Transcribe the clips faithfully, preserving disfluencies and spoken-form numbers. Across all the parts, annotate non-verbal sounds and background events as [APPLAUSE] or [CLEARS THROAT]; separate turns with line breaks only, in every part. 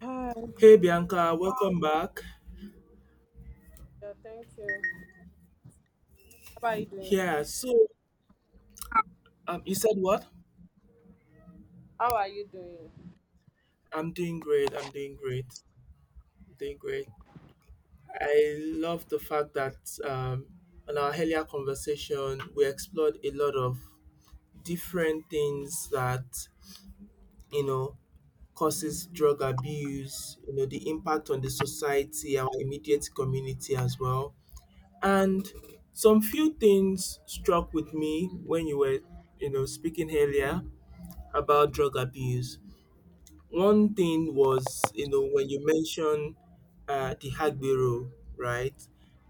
Hi.
Hey Bianca, welcome back.
Yeah, thank you. How are you
Yeah,
doing?
so um, you said what?
How are you doing?
I'm doing great. I'm doing great. I'm doing great. I love the fact that um, on our earlier conversation, we explored a lot of different things that you know causes drug abuse. You know the impact on the society, our immediate community as well, and some few things struck with me when you were you know speaking earlier about drug abuse. One thing was, you know, when you mentioned uh, the Hagbero, right?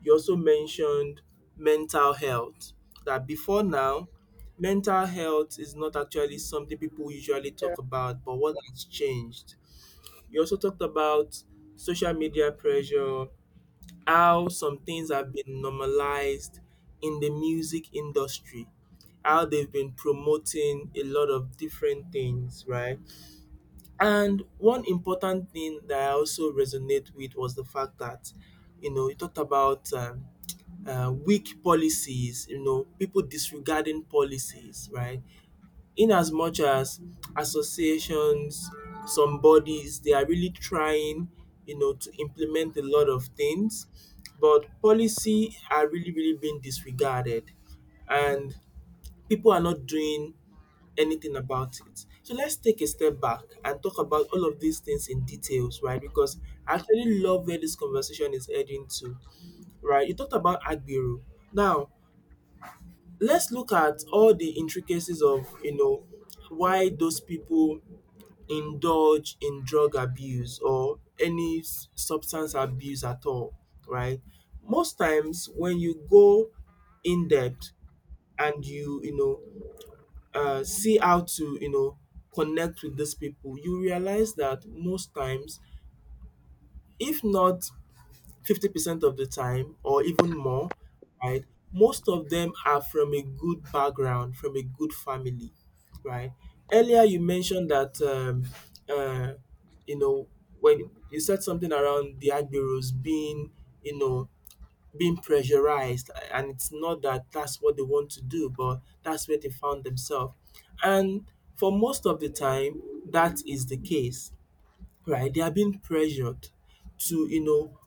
You also mentioned mental health. That before now, mental health is not actually something people usually
Yeah.
talk about, but what has changed? You also talked about social media pressure, how some things have been normalized in the music industry, how they've been promoting a lot of different things, right? And one important thing that I also resonate with was the fact that, you know, you talked about um, uh, weak policies, you know, people disregarding policies, right? In as much as associations, some bodies, they are really trying, you know, to implement a lot of things, but policy are really, really being disregarded. And people are not doing anything about it. So let's take a step back and talk about all of these things in details, right? Because I actually love where this conversation is heading to, right? You talked about Agbero. Now, let's look at all the intricacies of, you know, why those people indulge in drug abuse or any s- substance abuse at all, right? Most times when you go in depth and you, you know, uh, see how to you know connect with these people, you realize that most times, if not fifty percent of the time or even more, right, most of them are from a good background, from a good family, right? Earlier you mentioned that um, uh, you know when you said something around the agberos being you know being pressurized, and it's not that that's what they want to do, but that's where they found themselves. And for most of the time, that is the case, right? They are being pressured to, you know,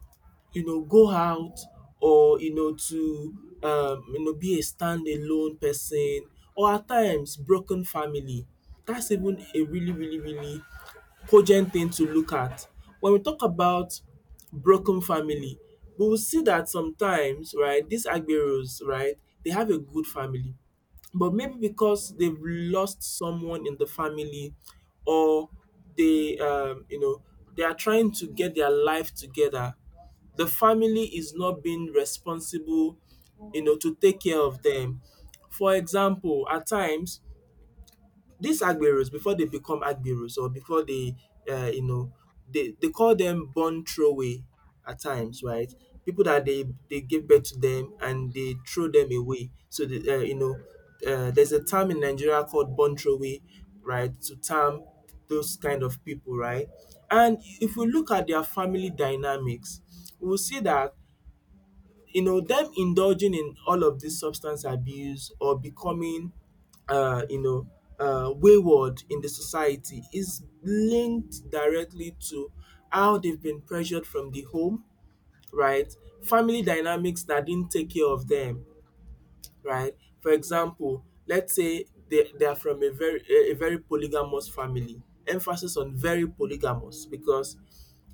you know, go out, or, you know, to, um, you know, be a standalone person, or at times broken family. That's even a really, really, really cogent thing to look at. When we talk about broken family, we will see that sometimes, right, these Agberos, right, they have a good family. But maybe because they've lost someone in the family, or they, um, you know, they are trying to get their life together, the family is not being responsible, you know, to take care of them. For example, at times these agberos, before they become agberos, or before they um you know they they call them born throwaway, at times, right? People that they they give birth to them and they throw them away. So the um you know um there's a term in Nigeria called born throwaway, right, to term those kind of people, right? And if we look at their family dynamics, we will see that you know them indulging in all of this substance abuse, or becoming uh, you know uh, wayward in the society, is linked directly to how they've been pressured from the home, right? Family dynamics that didn't take care of them, right? For example, let's say they they are from a very a a very polygamous family, emphasis on very polygamous, because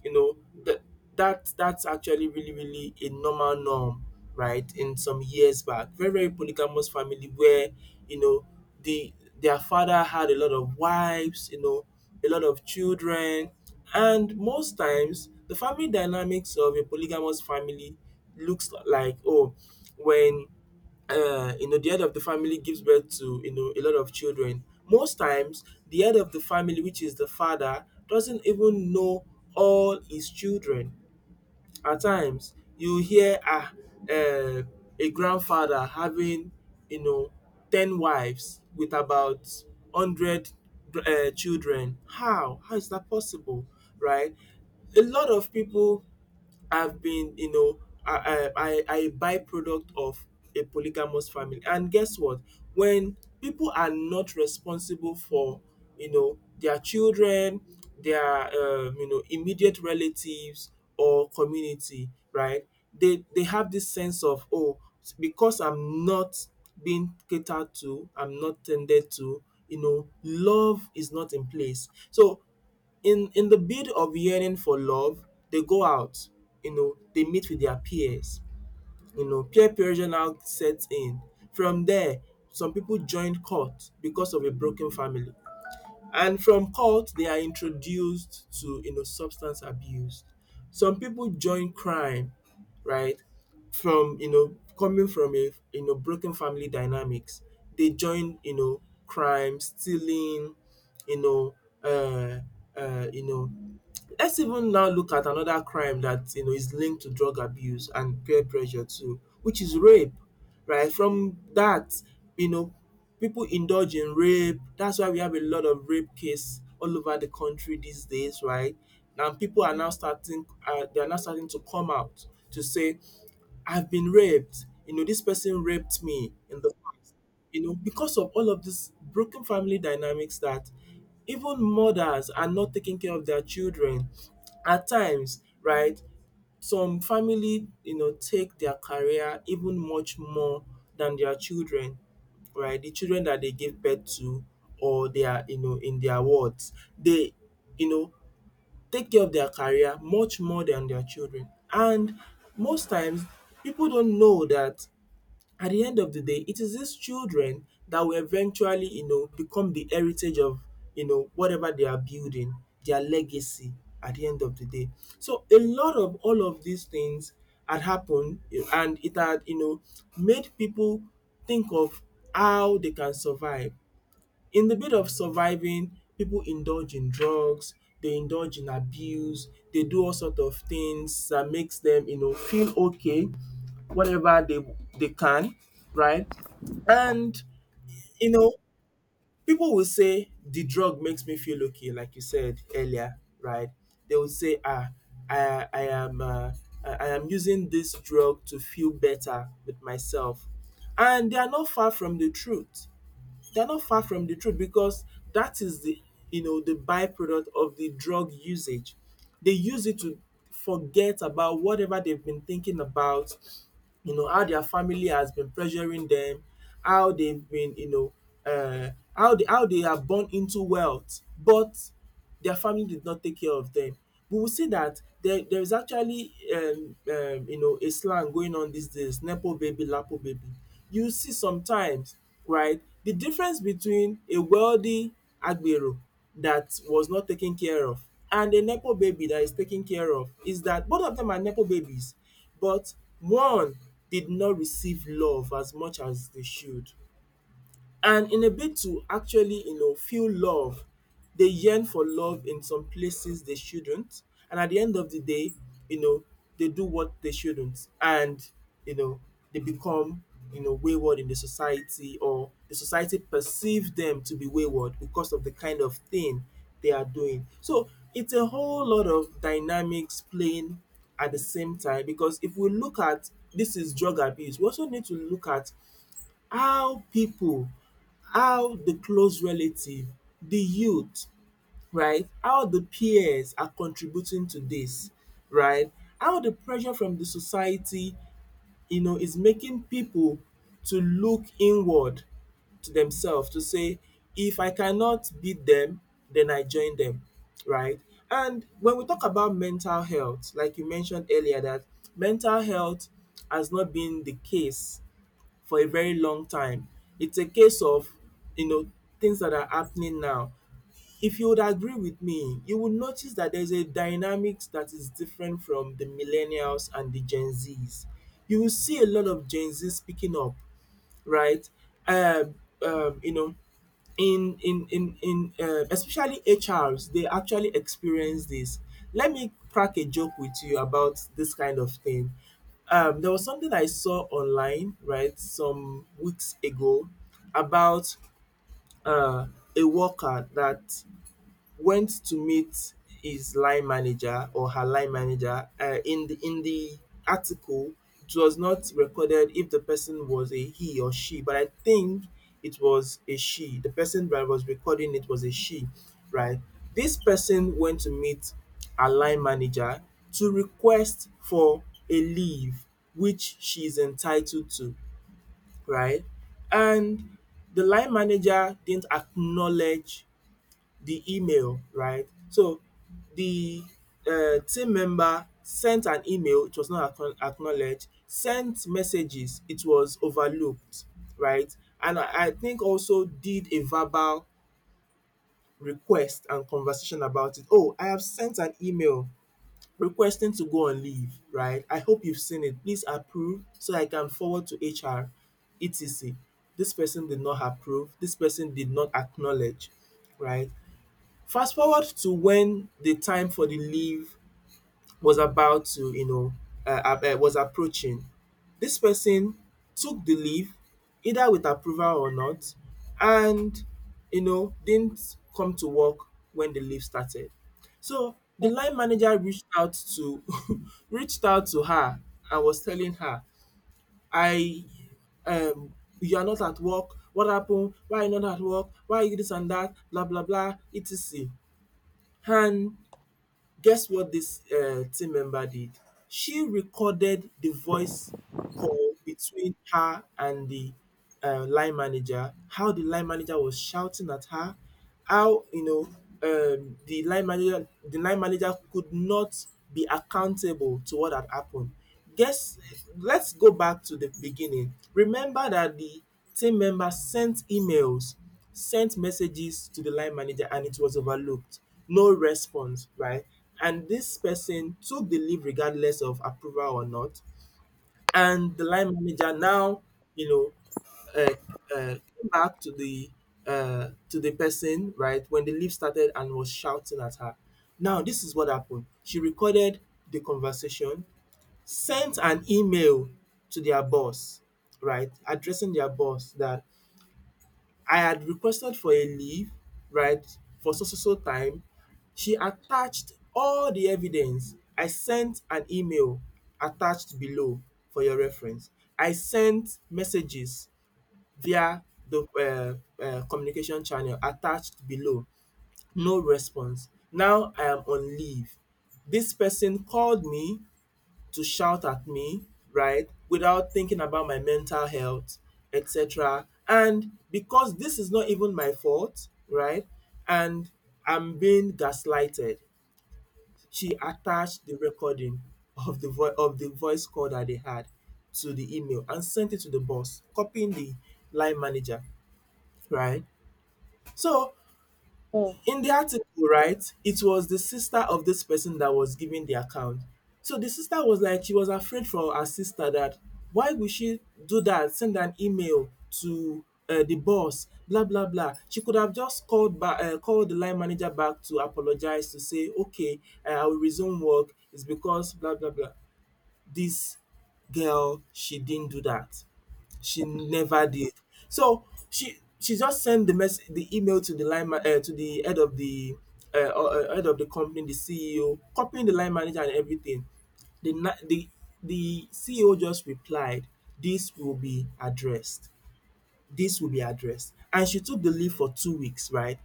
you know that that that's actually really, really a normal norm, right? In some years back, very, very polygamous family where, you know, the their father had a lot of wives, you know, a lot of children. And most times the family dynamics of a polygamous family looks like, oh, when, uh, you know, the head of the family gives birth to, you know, a lot of children. Most times, the head of the family, which is the father, doesn't even know all his children. At times, you hear, ah, uh, a grandfather having, you know, ten wives with about one hundred uh, children. How? How is that possible? Right? A lot of people have been, you know, a, a, a a byproduct of a polygamous family. And guess what? When people are not responsible for, you know, their children, their, um, you know, immediate relatives or community, right? They, they have this sense of, oh, because I'm not being catered to, I'm not tended to, you know, love is not in place. So in in the bid of yearning for love, they go out, you know, they meet with their peers, you know, peer pressure now sets in. From there, some people join court because of a broken family. And from cult, they are introduced to, you know substance abuse. Some people join crime, right? From, you know coming from a, you know broken family dynamics, they join, you know crime, stealing, you know, uh, uh, you know let's even now look at another crime that, you know, is linked to drug abuse and peer pressure too, which is rape, right? From that, you know, people indulge in rape. That's why we have a lot of rape case all over the country these days, right? And people are now starting, uh, they are now starting to come out to say, I've been raped. You know, this person raped me in the past. You know, because of all of these broken family dynamics that even mothers are not taking care of their children. At times, right, some family, you know, take their career even much more than their children, right? The children that they give birth to, or they are, you know, in their wards. They, you know, take care of their career much more than their children. And most times, people don't know that at the end of the day, it is these children that will eventually, you know, become the heritage of, you know, whatever they are building, their legacy at the end of the day. So a lot of all of these things had happened, you know, and it had, you know, made people think of how they can survive. In the bid of surviving, people indulge in drugs. They indulge in abuse. They do all sort of things that makes them, you know feel okay, whatever they they can, right? And, you know, people will say the drug makes me feel okay, like you said earlier, right. They will say, ah, I I am um I I am using this drug to feel better with myself, and they are not far from the truth. They're not far from the truth because that is the, you know the byproduct of the drug usage. They use it to forget about whatever they've been thinking about, you know, how their family has been pressuring them, how they've been, you know, uh how they, how they are born into wealth. But their family did not take care of them. We will see that there there is actually um um you know, a slang going on these days, nepo baby, lapo baby. You see sometimes, right, the difference between a wealthy agbero that was not taken care of and a nepo baby that is taken care of is that both of them are nepo babies, but one did not receive love as much as they should. And in a bid to actually, you know, feel love, they yearn for love in some places they shouldn't. And at the end of the day, you know, they do what they shouldn't. And, you know, they become, you know, wayward in the society, or the society perceive them to be wayward because of the kind of thing they are doing. So it's a whole lot of dynamics playing at the same time, because if we look at this is drug abuse, we also need to look at how people, how the close relative, the youth, right? How the peers are contributing to this, right? How the pressure from the society, you know, is making people to look inward to themselves to say, if I cannot beat them, then I join them, right? And when we talk about mental health, like you mentioned earlier, that mental health has not been the case for a very long time. It's a case of, you know, things that are happening now. If you would agree with me, you would notice that there's a dynamics that is different from the millennials and the Gen Zs. You will see a lot of Gen Z speaking up, right? Um, um, you know, in in in in uh, especially H Rs, they actually experience this. Let me crack a joke with you about this kind of thing. Um, there was something I saw online, right, some weeks ago about uh, a worker that went to meet his line manager or her line manager. Uh, in the in the article, it was not recorded if the person was a he or she, but I think it was a she. The person that was recording it was a she, right? This person went to meet her line manager to request for a leave which she is entitled to, right? And the line manager didn't acknowledge the email, right? So the uh, team member sent an email, it was not acknow- acknowledged, sent messages, it was overlooked, right? And I, I think also did a verbal request and conversation about it. Oh, I have sent an email requesting to go on leave, right? I hope you've seen it. Please approve so I can forward to H R, et cetera. This person did not approve, this person did not acknowledge, right? Fast forward to when the time for the leave was about to, you know, um was approaching. This person took the leave either with approval or not, and you know didn't come to work when the leave started. So the line manager reached out to [LAUGHS] reached out to her and was telling her I um you are not at work. What happened? Why are you not at work? Why are you this and dat, blah blah bla, et cetera. And guess what this uh, team member did? She recorded the voice call between her and the uh, line manager. How the line manager was shouting at her. How you know um, the line manager the line manager could not be accountable to what had happened. Guess, let's go back to the beginning. Remember that the team member sent emails, sent messages to the line manager and it was overlooked. No response, right? And this person took the leave regardless of approval or not. And the line manager now, you know, uh, uh, came back to the uh, to the person, right, when the leave started and was shouting at her. Now, this is what happened. She recorded the conversation, sent an email to their boss, right, addressing their boss that I had requested for a leave, right, for so so so time. She attached all the evidence. I sent an email, attached below for your reference. I sent messages via the uh, uh, communication channel, attached below. No response. Now I am on leave. This person called me to shout at me, right? Without thinking about my mental health, et cetera. And because this is not even my fault, right? And I'm being gaslighted. She attached the recording of the vo- of the voice call that they had to the email and sent it to the boss, copying the line manager, right? So
Mm,
in the article, right, it was the sister of this person that was giving the account. So the sister was like, she was afraid for her sister, that why would she do that? Send an email to uh, the boss, blah blah blah. She could have just called back, uh, called the line manager back to apologize, to say, okay, uh, I will resume work. It's because blah blah blah. This girl, she didn't do that. She never did. So she she just sent the mess the email to the line ma- uh, to the head of the eh, uh, uh, head of the company, the C E O, copying the line manager and everything. The na- the the C E O just replied, "This will be addressed. This will be addressed." And she took the leave for two weeks, right?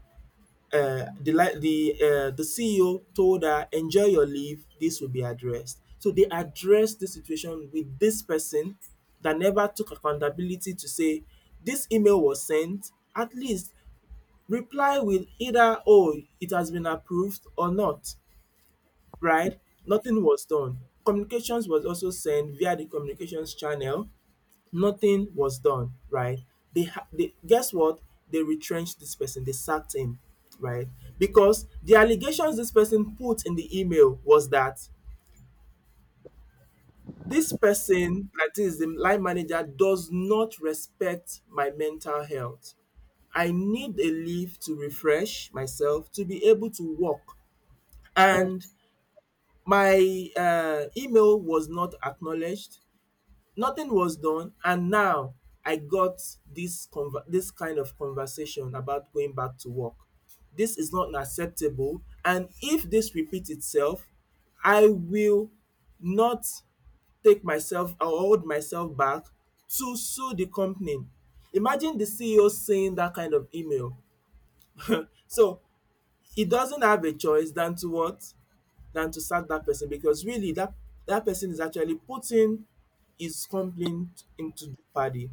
uh, the li- the uh, the C E O told her, "Enjoy your leave. This will be addressed." So they addressed the situation with this person that never took accountability, to say this email was sent. At least reply with either, "Oh, it has been approved," or, "Not," right? Nothing was done. Communications was also sent via the communications channel. Nothing was done, right? They, ha- they guess what? They retrenched this person. They sacked him, right? Because the allegations this person put in the email was that this person, that is the line manager, does not respect my mental health. I need a leave to refresh myself to be able to work.
mm.
And my um email was not acknowledged, nothing was done, and now I got this conver this kind of conversation about going back to work. This is not acceptable, and if this repeats itself, I will not take myself or hold myself back to sue the company. Imagine the C E O seeing that kind of email. So he doesn't have a choice than to what, than to sack that person, because really that that person is actually putting his complaint into jeopardy,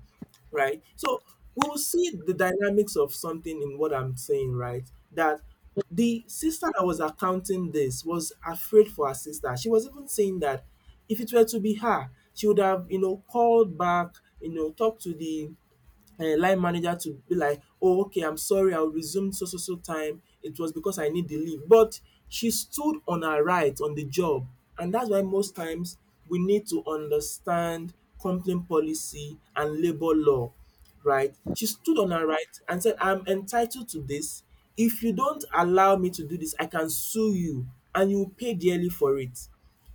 right? So we will see the dynamics of something in what I'm saying, right? That the sister that was accounting this was afraid for her sister. She was even saying that if it were to be her, she would have, you know, called back, you know, talked to the um line manager, to be like, oh, okay, I'm sorry, I'll resume so so so time, it was because I need the leave. But she stood on her right on the job, and that's why most times we need to understand company policy and labour law. Right, she stood on her right and said, I'm entitled to this. If you don't allow me to do this, I can sue you, and you will pay dearly for it,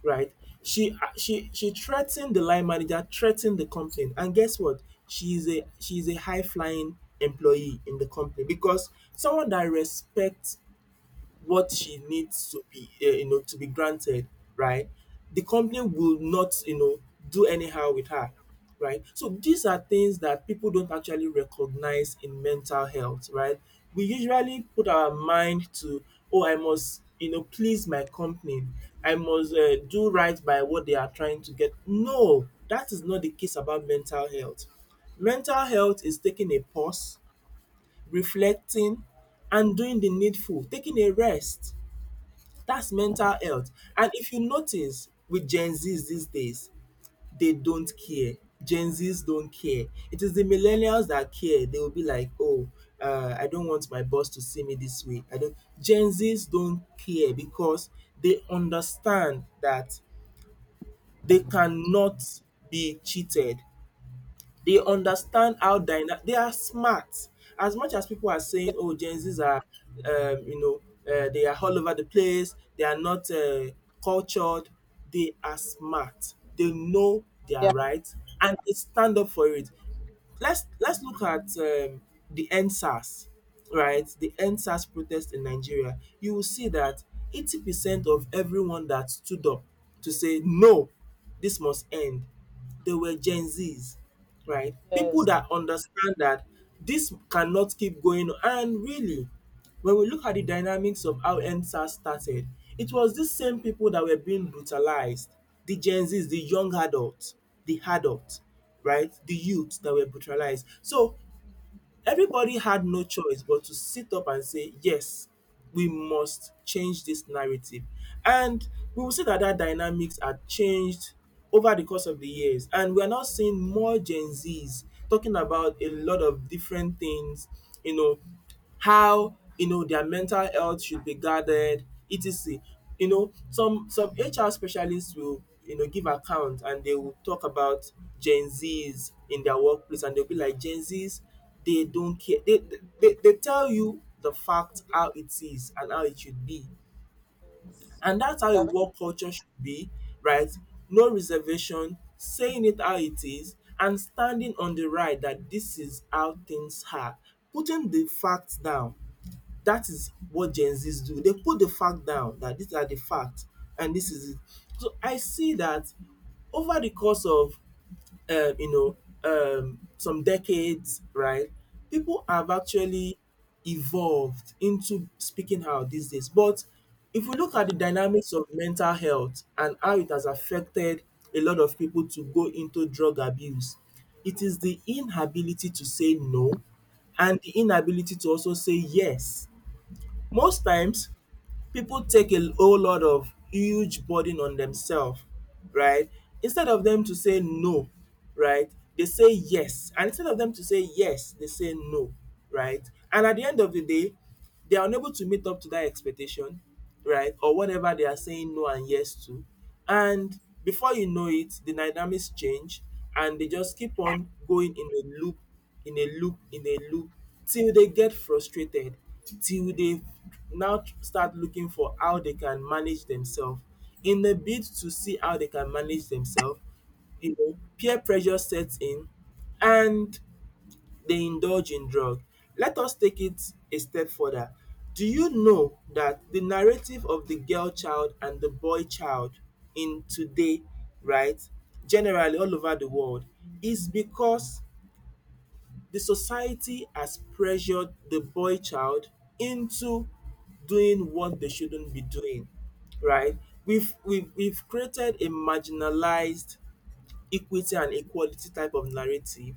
right? She uh, she she threatened the line manager, threatened the company, and guess what? She is a she is a high flying employee in the company, because someone that respects what she needs to be, uh, you know, to be granted, right? The company will not, you know, do anyhow with her, right? So these are things that people don't actually recognize in mental health, right? We usually put our mind to, oh, I must, you know, please my company. I must uh, do right by what they are trying to get. No, that is not the case about mental health. Mental health is taking a pause, reflecting, and doing the needful, taking a rest. That's mental health. And if you notice with Gen Zs these days, they don't care. Gen Zs don't care. It is the millennials that care. They will be like, oh, uh, I don't want my boss to see me this way. I don't. Gen Zs don't care because they understand that they cannot be cheated. They understand how dynamic, they are smart. As much as people are
Yeah,
saying, "Oh, Gen Zs are, um, you know, uh, they are all over the place. They are not uh, cultured." They are smart. They know
yeah,
their rights and they stand up for it. Let's let's look at um, the endsars, right, the endsars protest in nigeria. You will see that 80 percent of everyone that stood up to say no, this must end, they were gen z's, right, people
yes.
that understand that this cannot keep going on. And really, when we look at the dynamics of how Endsars started, it was these same people that were being brutalized. The Gen Zs, the young adults, the adults, right? The youths that were brutalized. So everybody had no choice but to sit up and say, yes, we must change this narrative. And we will see that that dynamics had changed over the course of the years. And we are now seeing more Gen Zs talking about a lot of different things, you know, how you know their mental health should be guarded, etc. You know, some some H R specialists will you know give account, and they will talk about gen z's in their workplace, and they'll be like, gen z's, they don't care they, they they tell you the
Yeah, very
fact
good,
how it is and how it should be.
yes.
And that's how a
Yeah,
work culture should be, right? No reservation, saying it how it is, and standing on the right that this is how things are, putting the facts down. That is what Gen Zs do. They put the fact down, that these are the facts and this is it. So I see that over the course of um, you know um, some decades, right, people have actually evolved into speaking out these days. But if we look at the dynamics of mental health and how it has affected a lot of people to go into drug abuse, it is the inability to say no and the inability to also say yes. Most times, people take a whole lot of huge burden on themselves, right? Instead of them to say no, right? They say yes. And instead of them to say yes, they say no, right? And at the end of the day, they are unable to meet up to that expectation, right? Or whatever they are saying no and yes to. And before you know it, the dynamics change, and they just keep on going in a loop, in a loop, in a loop, till they get frustrated, till they now start looking for how they can manage themselves. In the bid to see how they can manage themselves, you know, peer pressure sets in and they indulge in drug. Let us take it a step further. Do you know that the narrative of the girl child and the boy child in today, right, generally all over the world, is because the society has pressured the boy child into doing what they shouldn't be doing, right? We've, we've, we've created a marginalized equity and equality type of narrative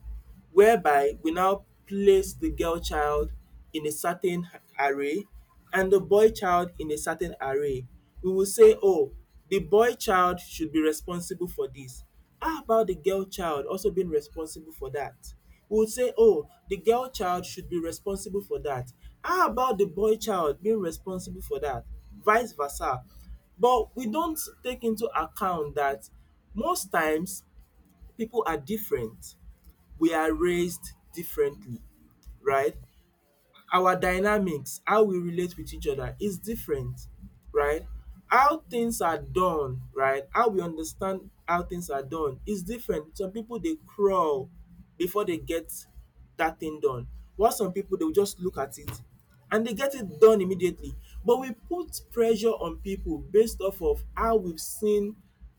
whereby we now place the girl child in a certain array and the boy child in a certain array. We will say, oh, the boy child should be responsible for this. How about the girl child also being responsible for that? We would say, oh, the girl child should be responsible for that. How about the boy child being responsible for that? Vice versa. But we don't take into account that most times people are different. We are raised differently, right? Our dynamics, how we relate with each other is different, right? How things are done, right? How we understand how things are done is different. Some people dey crawl before they get that thing done, while some people they will just look at it and they get it done immediately. But we put pressure on people based off of how we've seen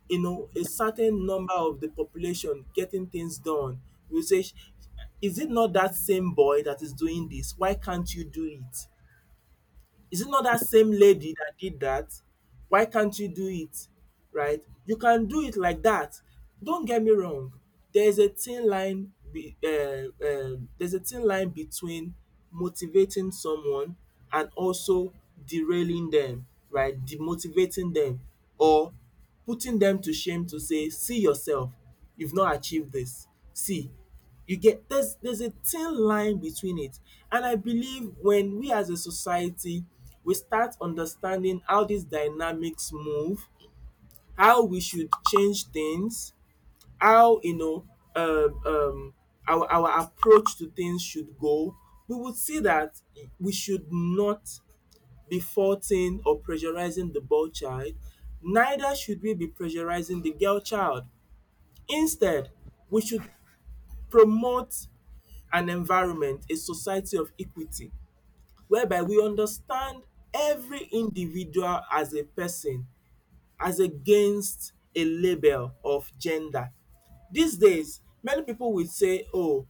you know a certain number of the population getting things done. We say, is it not that same boy that is doing this? Why can't you do it? Is it not that same lady that did that? Why can't you do it? Right? You can do it like that. Don't get me wrong. There is a thin line be, uh, uh, there's a thin line between motivating someone and also derailing them, right? Demotivating them or putting them to shame to say, see yourself, you've not achieved this. See, you get, there's there's a thin line between it. And I believe when we as a society we start understanding how these dynamics move, how we should change things, how you know um, um our our approach to things should go, we would see that we should not be faulting or pressurizing the boy child, neither should we be pressurizing the girl child. Instead, we should promote an environment, a society of equity, whereby we understand every individual as a person, as against a label of gender. These days, many people will say, "Oh,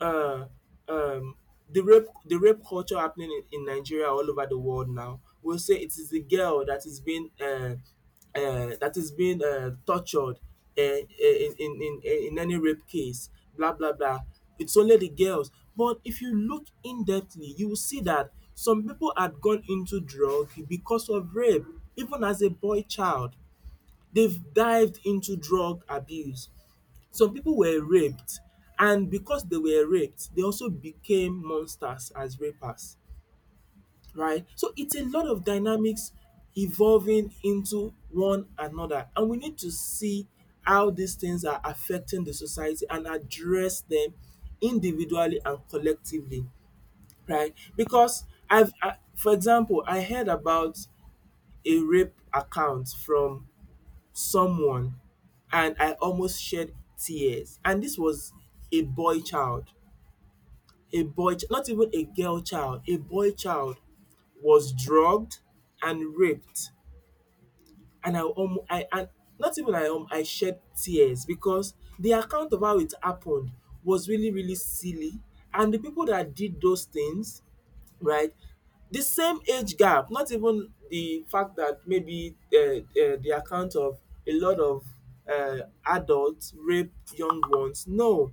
uh, um, the rape the rape culture happening in, in Nigeria all over the world now." Will say it is the girl that is being uh, uh, that is being uh, tortured uh, in, in in in any rape case. Blah, blah, blah, it's only the girls. But if you look in depthly, you will see that some people had gone into drug because of rape. Even as a boy child, they've dived into drug abuse. Some people were raped, and because they were raped, they also became monsters as rapers, right? So it's a lot of dynamics evolving into one another, and we need to see how these things are affecting the society and address them individually and collectively, right? Because, I've, I, for example, I heard about a rape account from someone and I almost shed tears. And this was a boy child, a boy, ch- not even a girl child, a boy child was drugged and raped. And I um, I and not even I um, I shed tears because the account of how it happened was really really silly. And the people that did those things, right, the same age gap, not even the fact that maybe uh, uh, the account of a lot of uh, adults rape young ones. No.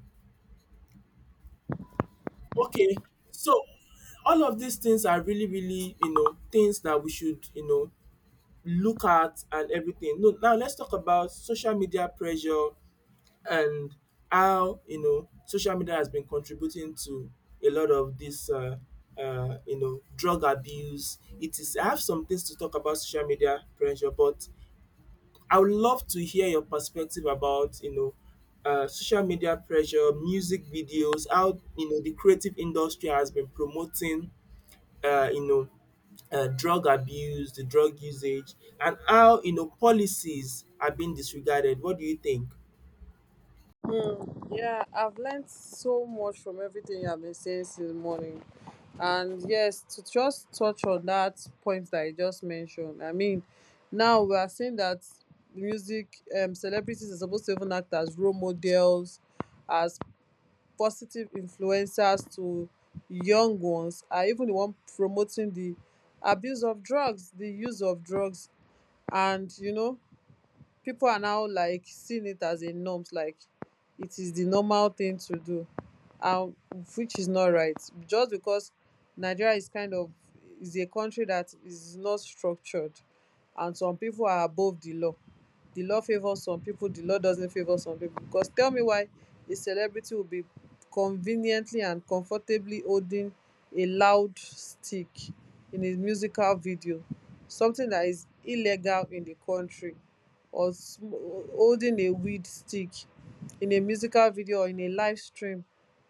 Okay, so all of these things are really, really, you know, things that we should, you know, look at and everything. No, now let's talk about social media pressure and how, you know, social media has been contributing to a lot of this, uh, uh, you know, drug abuse. It is, I have some things to talk about social media pressure, but I would love to hear your perspective about, you know, uh, social media pressure, music videos, how, you know, the creative industry has been promoting, uh, you know, uh, drug abuse, the drug usage, and how, you know, policies are being disregarded. What do you think?
very- mm, yeah, I've learned so much from everything you have been saying since morning. And yes, to just touch on that point that I just mentioned, I mean, now we are seeing that music um celebrities are supposed to even act as role models, as positive influencers to young ones, are even the one promoting the abuse of drugs, the use of drugs. And you know, people are now like seeing it as a norms, like it is the normal thing to do. um, which is not right, just because Nigeria is kind of is a country that is not structured, and some people are above the law. The law favours some people, the law doesn't favour some people. Because tell me why a celebrity will be conveniently and comfortably holding a loud stick in a musical video, something that is illegal in the country, or sm- holding a weed stick in a musical video or in a live stream,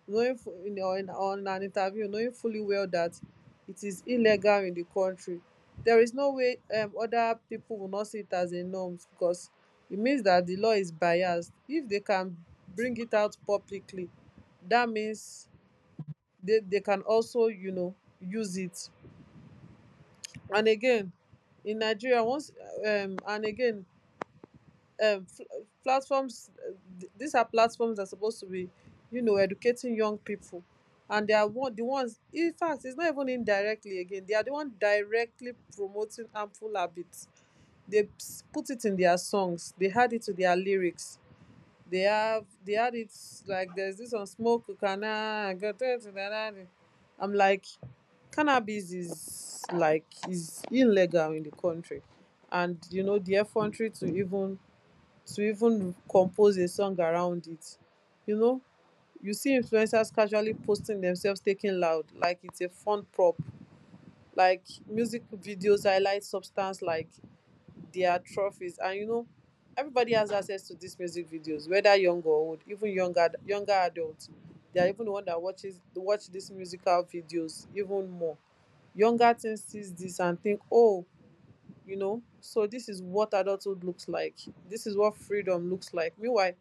knowing fu- in, or in, on an interview knowing fully well that it is illegal in the country. There is no way um, other people will not see it as a norm, because it means that the law is biased. If they can bring it out publicly, that means they, they can also, you know, use it. And again, in Nigeria, once um and again, um, fl- platforms uh, th- these are platforms that are supposed to be, you know, educating young people. And they are one the ones, in fact it's not even indirectly, again they are the one directly promoting harmful habits. They ps- put it in their songs, they add it to their lyrics, they have they had it, like there's this "On Smoke" Ukana. I'm like, cannabis is like, is illegal in the country, and you know, the effrontery to even, to even compose a song around it. You know, you see influencers casually posting themselves taking loud, like it's a fun prop. Like music videos highlight substance like their trophies, and you know, everybody has access to these music videos, whether young or old, even younger younger adults. They are even the one that watches watch these musical videos even more. Younger teens sees this and think, oh, you know, so this is what adulthood looks like, this is what freedom looks like. Meanwhile,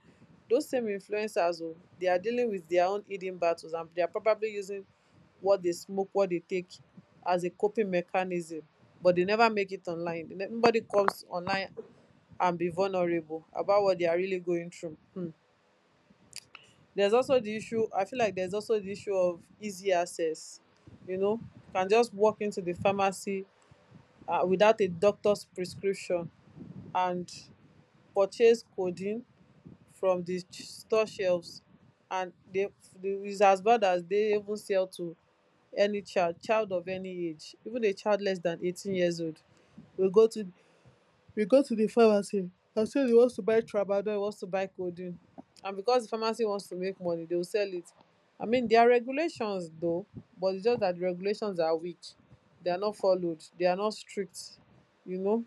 those same influencers, oh, they are dealing with their own hidden battles, and they are probably using what they smoke, what they take, as a coping mechanism. But they never make it online. They ne- nobody comes online and be vulnerable about what they are really going through. Hmm. There's also the issue, I feel like there's also the issue of easy access. You know, you can just walk into the pharmacy uh, without a doctor's prescription and purchase codeine from di store shelves. And is as bad as dey even sell to any child child of any age. Even a child less dan eighteen years old will go to, will go to di pharmacy and say e wants to buy tramadol, e wants to buy codeine. And becos di pharmacy wants to make money, dey will sell it. I mean, dia regulations though, but its just dat di regulations are weak, they are not followed, they are not strict. You know,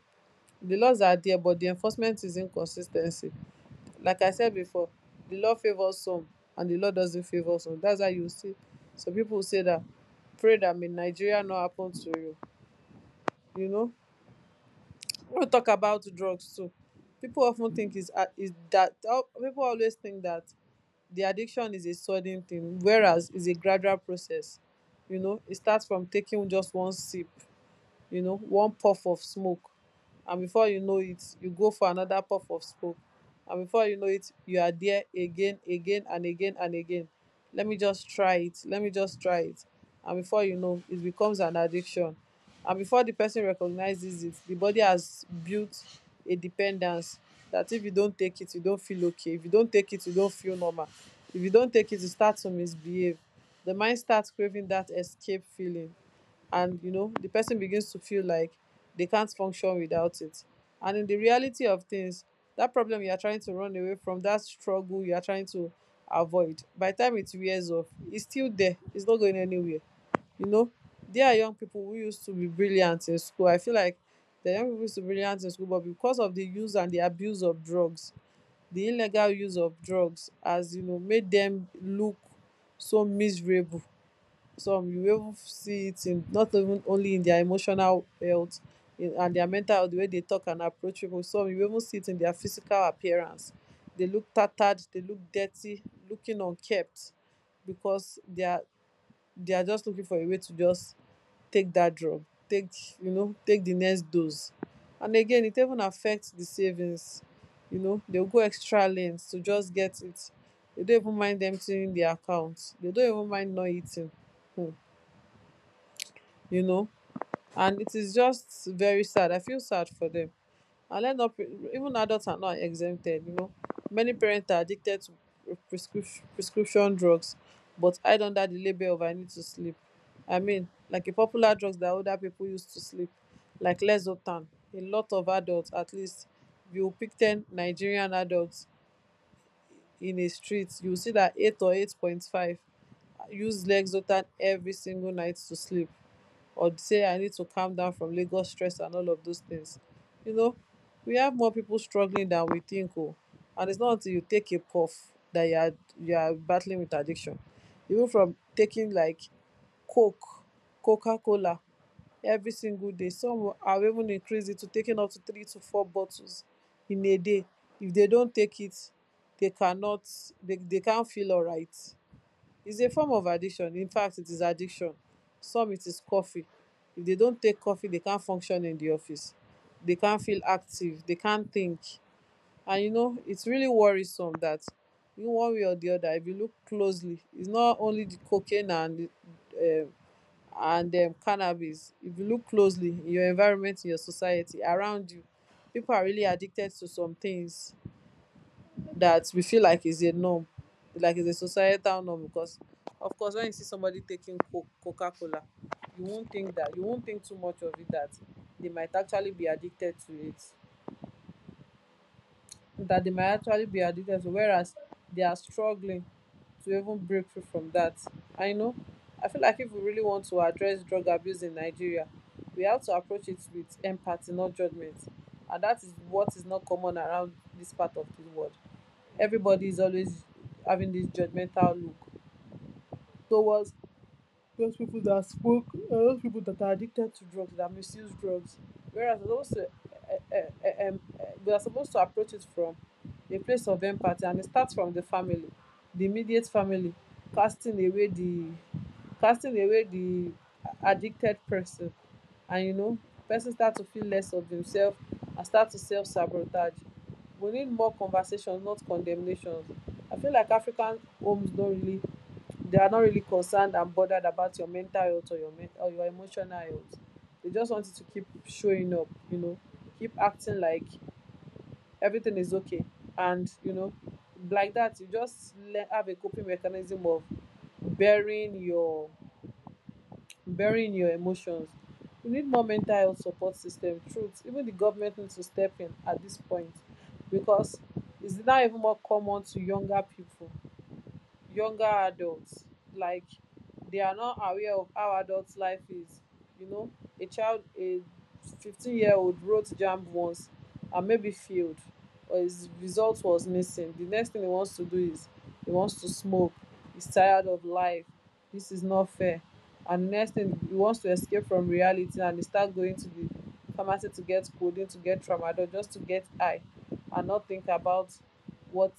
di laws are dia, but di enforcement is inconsis ten cy. Like I said before, the Lord favors some and the Lord doesn't favor some. That's how you see. So people say that, pray that may Nigeria not happen to you. You know, we talk about drugs too. People often think is is that oh, people always think that the addiction is a sudden thing, whereas it's a gradual process. You know, it starts from taking just one sip, you know, one puff of smoke. And before you know it, you go for another puff of smoke. And before you know it, you are there again, again and again and again. Let me just try it, let me just try it. And before you know it, becomes an addiction. And before the person recognizes it, the body has built a dependence, that if you don't take it, you don't feel okay; if you don't take it, you don't feel normal; if you don't take it, you start to misbehave. The mind starts craving that escape feeling. And you know, the person begins to feel like they can't function without it. And in the reality of things, that problem you are trying to run away from, that struggle you are trying to avoid, by the time it wears off, it's still there, it's not going anywhere. You know, there are young people who used to be brilliant in school. I feel like the young people used to be brilliant in school, but because of the use and the abuse of drugs, the illegal use of drugs has, you know, made them look so miserable. Some, you will even see it in, not even only in dia emotional health, in, and dia mental health, di way dey tok and approach pipu. Some, you will even see it in dia physical appearance. Dey look tattered, dey look dirty, looking unkempt, becos dia dia just looking for a way to just take dat drug, take you know take di next dose. And again, it even affect di savings. You know, dem go extra length to just get it. Dey don even mind emptying di account, dey don even mind not eating. um you know, and it is just very sad. I feel sad for them. And let not pre- even adults are not exempted. You know, many parents are addicted to prescription prescription drugs, but hide under the label of "I need to sleep." I mean, like a popular drugs that older people use to sleep, like Lexotan. A lot of adults, at least, you pick ten Nigerian adults in a street, you will see that eight or eight point five use Lexotan every single night to sleep, or say "I need to calm down from Lagos stress" and all of those things. You know, we have more people struggling than we think. Oh, and it's not until you take a puff that you are you are battling with addiction. Even from taking like coke, coca cola every single day, some will- have even increased it to taking up to three to four bottles in a day. If they don't take it, they cannot, they, they can't feel all right. It's a form of addiction, in fact it is addiction. Some, it is coffee. If they don't take coffee, they can't function in the office, they can't feel active, they can't think. And you know, it's really worrisome that in one way or the other, if you look closely, it's not only the cocaine and the, um and um, cannabis. If you look closely in your environment, in your society around you, people are really addicted to some things that we feel like is a norm, like is a societal norm. Because of course, when you see somebody taking co- Coca-Cola, you won't think that, you won't think too much of it, that they might actually be addicted to it, that they might actually be addicted to, whereas they are struggling to even break free from that. I know. I feel like if we really want to address drug abuse in Nigeria, we have to approach it with empathy, not judgment. And that is what is not common around this part of the world. Everybody is always having this judgmental look towards those people that smoke, uh, those people that are addicted to drugs, that misuse drugs. Whereas we're supposed to, uh, uh, uh, um, uh, we are supposed to approach it from a place of empathy. And it starts from the family, the immediate family, casting away the, casting away the addicted person, and you know, person start to feel less of himself and start to self sabotage. We need more conversations, not condemnations. I feel like African homes don't really, they are not really concerned and bothered about your mental health or your men- or your emotional health. They just want you to keep showing up, you know, keep acting like everything is okay, and you know, like that you just le- have a coping mechanism of burying your burying your emotions. We need more mental health support system. Truth, even the government needs to step in at this point, because it's now even more common to younger people, younger adults. Like, they are not aware of how adult life is, you know. A child, a fifteen year old wrote jamb once and maybe failed, or his result was missing. The next thing he wants to do is he wants to smoke. He's tired of life. This is not fair. And the next thing, he wants to escape from reality, and he start going to the pharmacy to get codeine, to get tramadol, just to get high and not think about what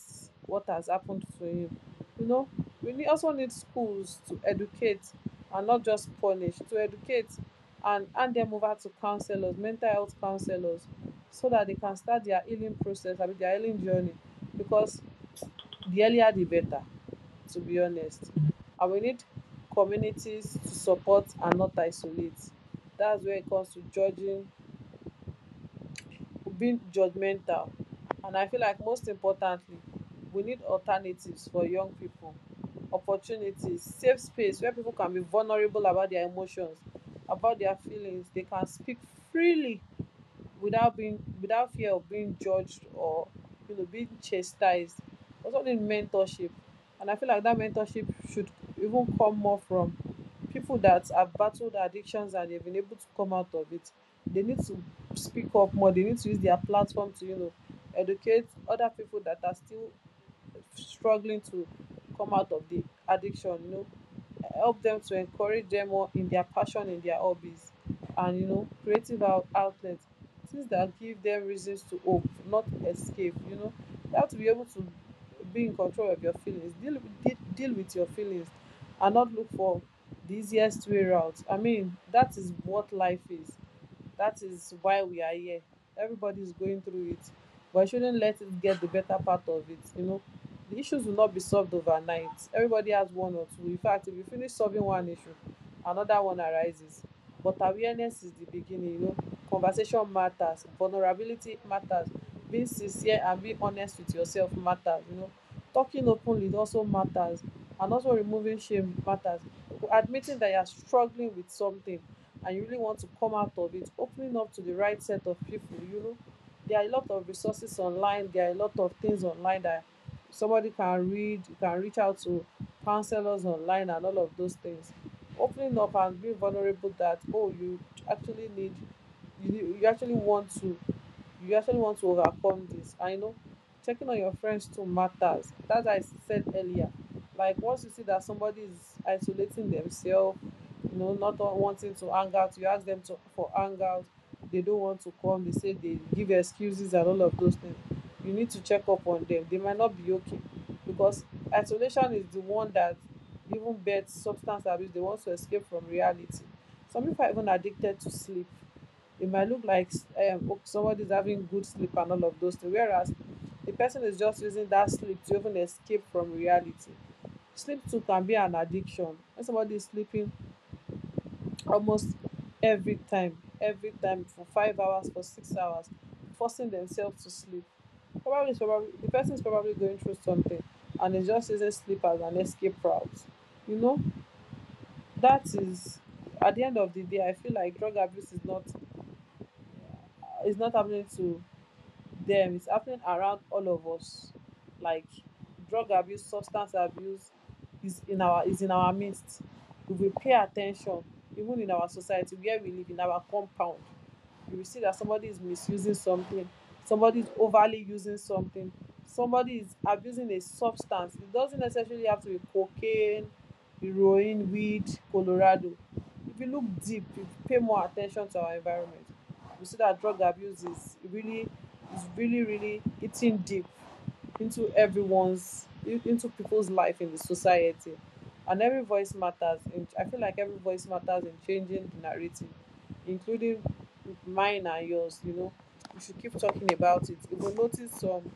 what has happened to him, you know. We need also need schools to educate and not just punish. To educate and hand them over to counselors, mental health counselors, so that they can start their healing process, I mean their healing journey, because the earlier the better, to be honest. And we need communities to support and not isolate. That's where it comes to judging, being judgmental. And I feel like most importantly, we need alternatives for young people, opportunities, safe space where people can be vulnerable about their emotions, about their feelings. They can speak freely without being, without fear of being judged or, you know, being chastised. Also need mentorship. And I feel like that mentorship should even come more from people that have battled addictions and they've been able to come out of it. They need to speak up more. They need to use their platform to, you know, educate other people that are still struggling to come out of the addiction, you know. Help them, to encourage them more in their passion, in their hobbies, and, you know, creative out- outlets, things that give them reasons to hope, not escape, you know. You have to be able to be in control of your feelings, deal with deal, deal with your feelings and not look for the easiest way out. I mean, that is what life is. That is why we are here. Everybody is going through it, but I shouldn't let it get the better part of it. You know, the issues will not be solved overnight. Everybody has one or two. In fact, if you finish solving one issue, another one arises. But awareness is the beginning. You know, conversation matters, vulnerability matters, being sincere and being honest with yourself matters. You know, talking openly also matters, and also removing shame matters. Admitting that you are struggling with something and you really want to come out of it, opening up to the right set of people, you know. There are a lot of resources online, there are a lot of things online that somebody can read. You can reach out to counselors online and all of those things. Opening up and being vulnerable that, oh, you actually need you, you actually want to you actually want to overcome this. I know checking on your friends too matters. That's what I said earlier. Like, once you see that somebody is isolating themselves, you know, not wanting to hang out. You ask them to for hang out, they don't want to come. They say, they give excuses and all of those things. You need to check up on them. They might not be okay, because isolation is the one that even beds substance abuse. They want to escape from reality. Some people are even addicted to sleep. It might look like, um, oh, somebody is having good sleep and all of those things, whereas the person is just using that sleep to even escape from reality. Sleep too can be an addiction. When somebody is sleeping almost every time every time for five hours, for six hours, forcing themselves to sleep, probably is probably the person is probably going through something and is just using sleep as an escape route, you know. That is, at the end of the day, I feel like drug abuse is not, is not happening to them. It's happening around all of us. Like, drug abuse, substance abuse is in our, is in our midst. If we pay attention, even in our society where we live, in our compound, you will see that somebody is misusing something, somebody is overly using something, somebody is abusing a substance. It doesn't necessarily have to be cocaine, heroin, weed, colorado. If you look deep, if you pay more attention to our environment, you see that drug abuse is really, is really really eating deep into everyone's, into people's life in the society. And every voice matters in, I feel like every voice matters in changing the narrative, including mine and yours, you know. We should keep talking about it. We will notice some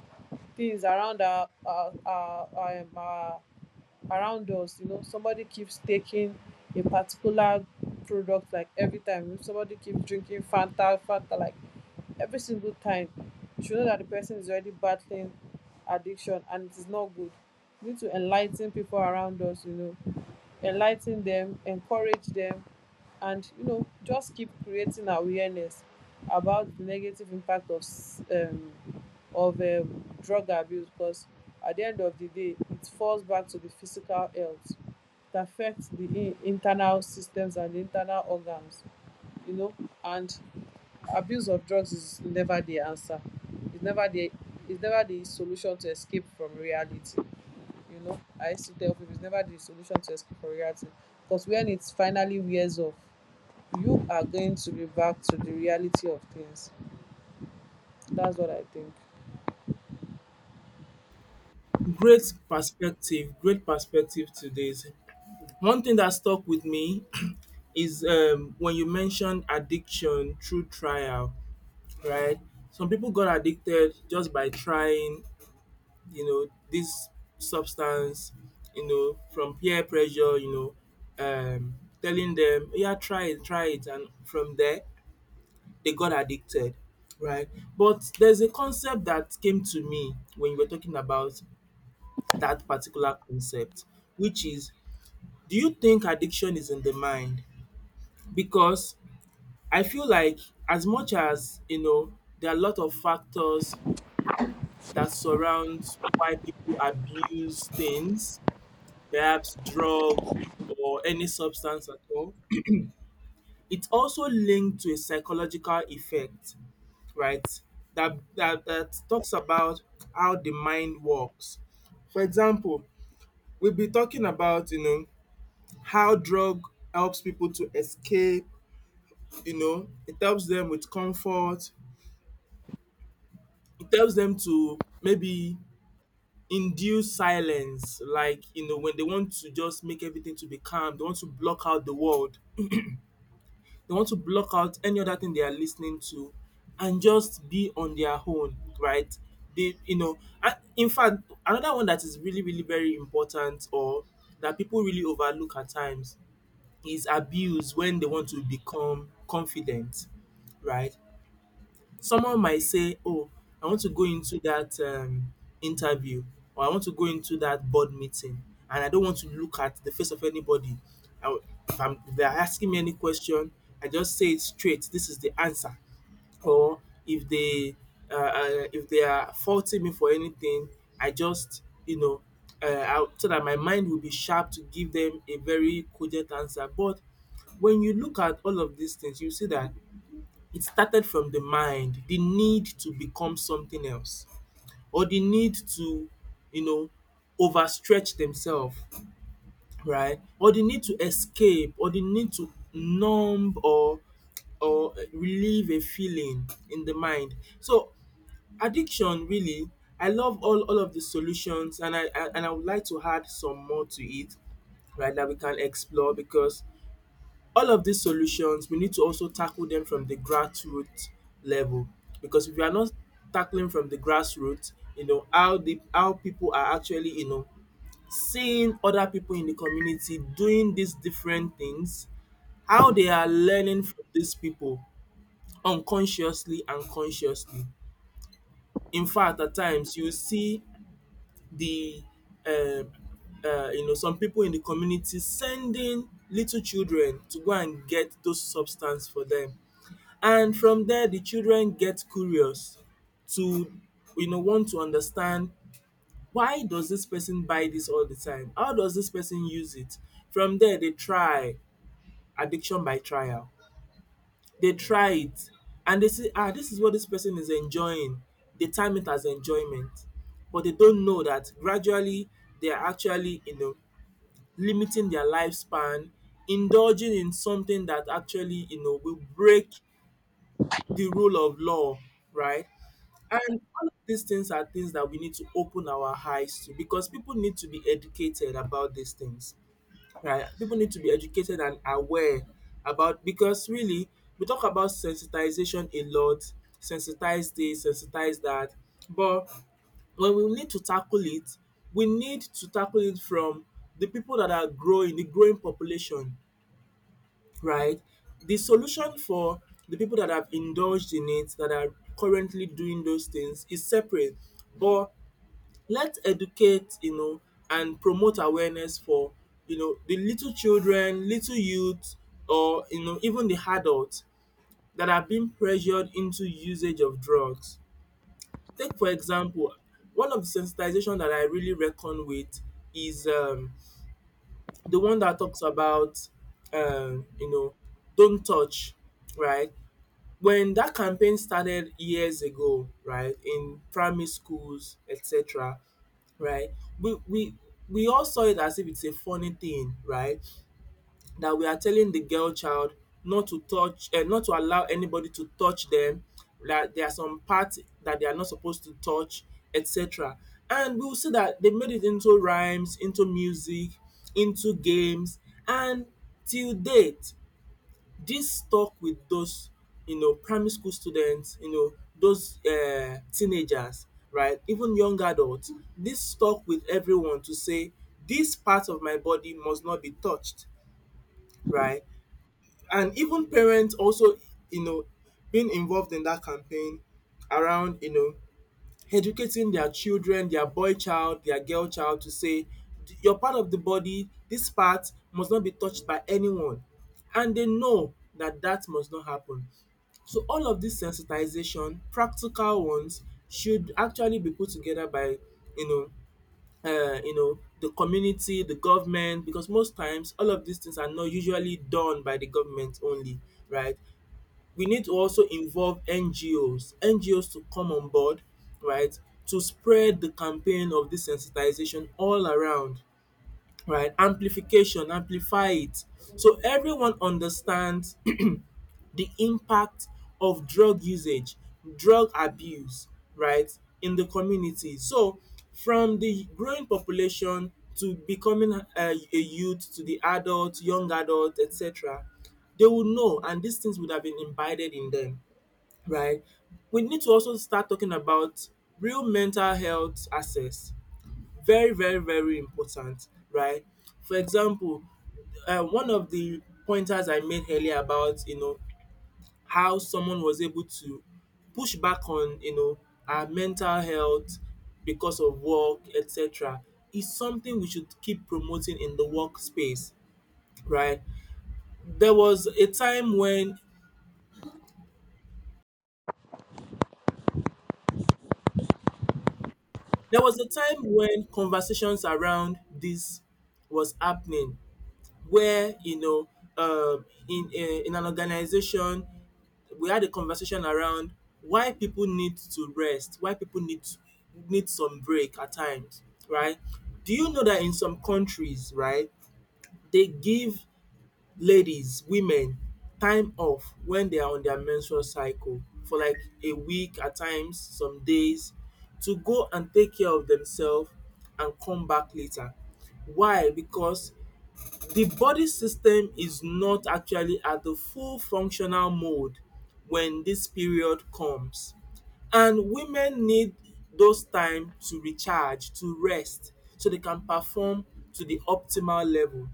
things around our our our, our, um, our around us, you know. Somebody keeps taking a particular product like every time. If somebody keeps drinking fanta fanta like every single time, you should know that the person is already battling addiction, and it is not good. We need to enlighten people around us, you know, enlighten them, encourage them, and, you know, just keep creating awareness about the negative impact of um, of um, drug abuse, because at the end of the day it falls back to the physical health. It affects the in- internal systems and the internal organs, you know. And abuse of drugs is never the answer. It's never the It's never the solution to escape from reality. You know, I used to tell people it's never the solution to escape from reality. Because when it finally wears off, you are going to be back to the reality of things. That's what I think.
Great perspective, great perspective to this. One thing that stuck with me [CLEARS THROAT] is um, when you mentioned addiction through trial, right? Some people got addicted just by trying, you know, this substance, you know, from peer pressure, you know, um, telling them, yeah, try it, try it. And from there, they got addicted, right? But there's a concept that came to me when you were talking about that particular concept, which is, do you think addiction is in the mind? Because I feel like, as much as, you know, there are a lot of factors that surround why people abuse things, perhaps drug or any substance at all. It's also linked to a psychological effect, right? That that that talks about how the mind works. For example, we'll be talking about, you know, how drug helps people to escape, you know, it helps them with comfort, it helps them to maybe induce silence, like, you know, when they want to just make everything to be calm, they want to block out the world. They want to block out any other thing they are listening to and just be on their own, right? They, you know, and in fact, another one that is really, really very important or that people really overlook at times is abuse when they want to become confident, right? Someone might say, "Oh, I want to go into that um, interview or I want to go into that board meeting and I don't want to look at the face of anybody. I w- if, I'm, if they're asking me any question, I just say it straight. This is the answer. Or if they uh, uh, if they are faulting me for anything, I just you know uh, I'll, so that my mind will be sharp to give them a very cogent answer." But when you look at all of these things, you see that it started from the mind, the need to become something else or the need to you know overstretch themselves, right, or the need to escape or the need to numb or or relieve a feeling in the mind. So addiction really, I love all all of the solutions, and I I and I would like to add some more to it, right, that we can explore, because all of these solutions we need to also tackle them from the grassroots level, because if we are not tackling from the grassroots. you know how the how people are actually you know seeing other people in the community doing these different things, how they are learning from these people unconsciously and consciously. In fact, at times you see the um um you know some people in the community sending little children to go and get those substance for them. And from there the children get curious to you know want to understand, why does this person buy this all the time? How does this person use it? From there they try addiction by trial. They try it and they say, ah, this is what this person is enjoying. They time it as enjoyment but they don't know that gradually they are actually you know limiting their lifespan, indulging in something that actually you know will break the rule of law, right? And all of these things are things that we need to open our eyes to, because people need to be educated about these things, right? People need to be educated and aware about, because really, we talk about sensitization a lot, sensitize this, sensitize that, but when we need to tackle it, we need to tackle it from the people that are growing, the growing population, right? The solution for the people that have indulged in it, that are currently doing those things, is separate. But let's educate, you know, and promote awareness for, you know, the little children, little youth, or, you know, even the adults that are being pressured into usage of drugs. Take, for example, one of the sensitization that I really reckon with is um, the one that talks about, um, you know, don't touch, right? When that campaign started years ago, right, in primary schools, etc., right, we we we all saw it as if it's a funny thing, right, that we are telling the girl child not to touch, um not to allow anybody to touch them, that there are some parts that they are not supposed to touch, etc., and we will see that they made it into rhymes, into music, into games, and till date this stuck with those, you know primary school students, you know those um teenagers, right, even young adults. This stuck with everyone to say this part of my body must not be touched, right? And even parents also, you know being involved in that campaign, around you know educating their children, their boy child, their girl child to say your part of the body, this part must not be touched by anyone, and they know that that must not happen. So all of these sensitization, practical ones should actually be put together by, you know um you know the community, the government, because most times all of these things are not usually done by the government only, right? We need to also involve N G Os, N G Os to come on board, right, to spread the campaign of this sensitization all around, right? Amplification, amplify it. So everyone understands [CLEARS THROAT] the impact of drug usage, drug abuse, right, in the community. So from the growing population to becoming a, a youth, to the adult, young adult, et cetera, they would know, and these things would have been imbibed in them, right? We need to also start talking about real mental health access. Very, very, very important, right? For example, um one of the pointers I made earlier about, you know how someone was able to push back on, you know our mental health because of work, etc., is something we should keep promoting in the work space right. There was a time when There was a time when conversations around this was happening, where, you know, um, in a, in an organization, we had a conversation around why people need to rest, why people need to- need some break at times, right? Do you know that in some countries, right, they give ladies, women, time off when they are on their menstrual cycle for like a week at times, some days, to go and take care of themselves and come back later. Why? Because the body system is not actually at the full functional mode when this period comes. And women need those time to recharge, to rest, so they can perform to the optimal level.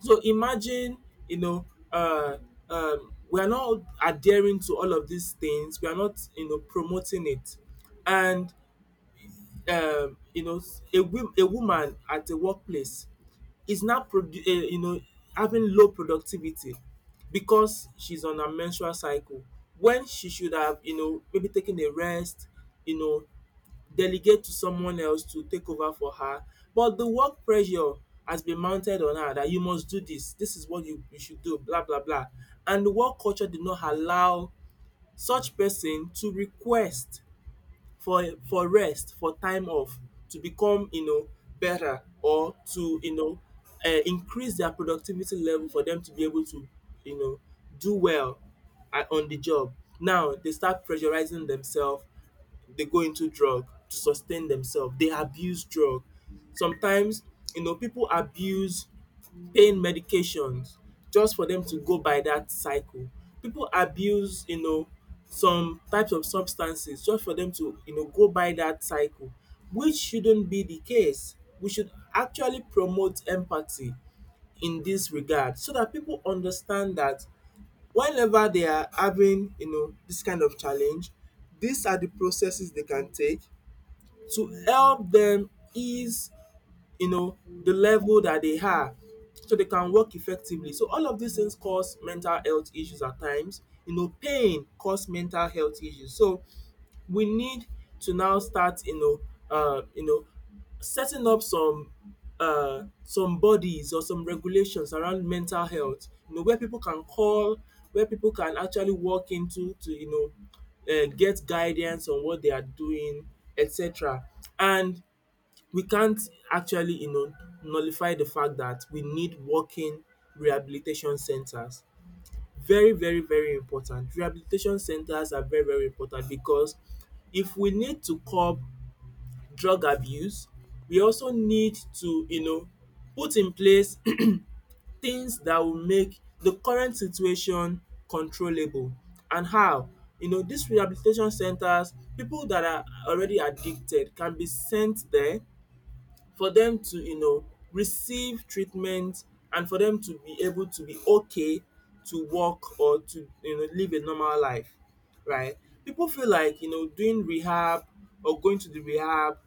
So imagine, you know, uh, um, we are not adhering to all of these things. We are not, you know, promoting it. And, um, you know, a, wo- a woman at a workplace is now produ um you know having low productivity because she's on her menstrual cycle, when she should have, you know maybe taken a rest, you know delegate to someone else to take over for her. But the work pressure has been mounted on her, that you must do this, this is what you you should do, blah blah blah, and the work culture did not allow such person to request for for rest, for time off, to become, you know, better, or to, you know, uh, increase their productivity level for them to be able to, you know, do well at, on the job. Now they start pressurizing themselves, they go into drug to sustain themselves. They abuse drug. Sometimes, you know, people abuse pain medications just for them to go by that cycle. People abuse, you know, some types of substances just for them to, you know, go by that cycle, which shouldn't be the case. We should actually promote empathy in this regard, so that people understand that whenever they are having, you know this kind of challenge, these are the processes they can take to help them ease, you know, the level that they have, so they can work effectively. So all of these things cause mental health issues at times. You know, pain cause mental health issues. So we need to now start, you know, uh, you know, setting up some uh, some bodies or some regulations around mental health. You know, where people can call, where people can actually walk into to, you know, uh, get guidance on what they are doing, et cetera. And we can't actually, you know nullify the fact that we need working rehabilitation centers. Very, very, very important. Rehabilitation centers are very, very important, because if we need to curb drug abuse, we also need to, you know put in place [CLEARS THROAT] things that will make the current situation controllable. And how, you know these rehabilitation centers, people that are already addicted can be sent there, for them to, you know receive treatment, and for them to be able to be okay, to work, or to, you know live a normal life, right. People feel like, you know doing rehab or going to the rehab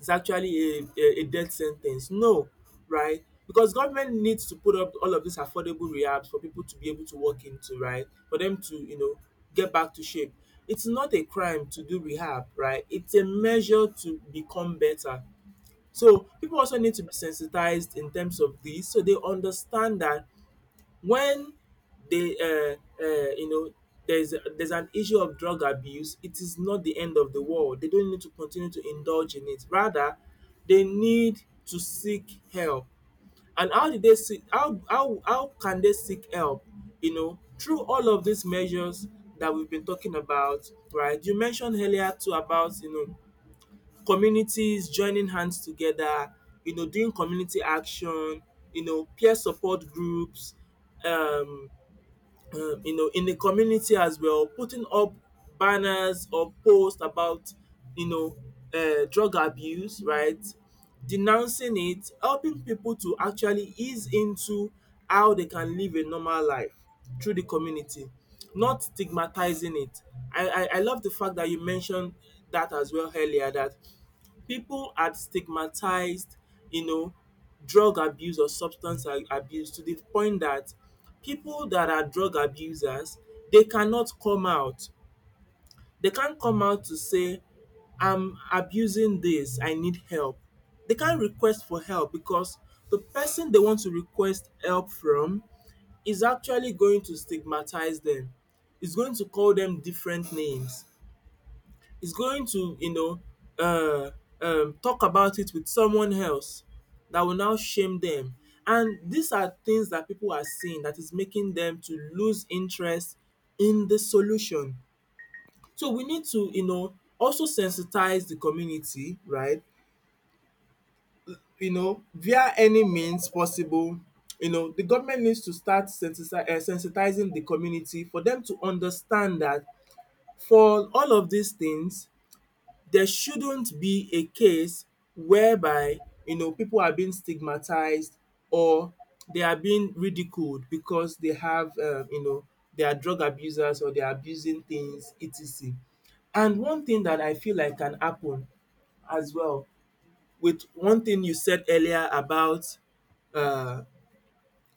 is actually a a, a death sentence. No, right? Because government needs to put up all of these affordable rehabs for people to be able to work into, right, for them to, you know get back to shape. It's not a crime to do rehab, right. It's a measure to become better. So people also need to be sensitized in terms of this, so they understand that when they, uh, uh, you know, there's there's an issue of drug abuse, it is not the end of the world. They don't need to continue to indulge in it. Rather, they need to seek help. And how did they seek? How how how can they seek help? You know, through all of these measures that we've been talking about, right? You mentioned earlier too about, you know communities joining hands together, you know, doing community action, you know, peer support groups, um, um, you know, in the community as well, putting up banners or posts about, you know, uh, drug abuse, right? Denouncing it, helping people to actually ease into how they can live a normal life through the community, not stigmatizing it. I, I, I love the fact that you mentioned that as well earlier, that people had stigmatized, you know, drug abuse or substance a abuse to the point that people that are drug abusers, they cannot come out. They can't come out to say, I'm abusing this, I need help. They can't request for help because the person they want to request help from is actually going to stigmatize them. Is going to call them different names, is going to, you know, uh, um, talk about it with someone else that will now shame them. And these are things that people are seeing that is making them to lose interest in the solution. So we need to, you know, also sensitize the community, right? You know, via any means possible. You know, the government needs to start sensitize, uh, sensitizing the community for them to understand that for all of these things, there shouldn't be a case whereby, you know people are being stigmatized, or they are being ridiculed because they have, um you know they are drug abusers or they are abusing things, et cetera. And one thing that I feel like can happen as well with one thing you said earlier about, um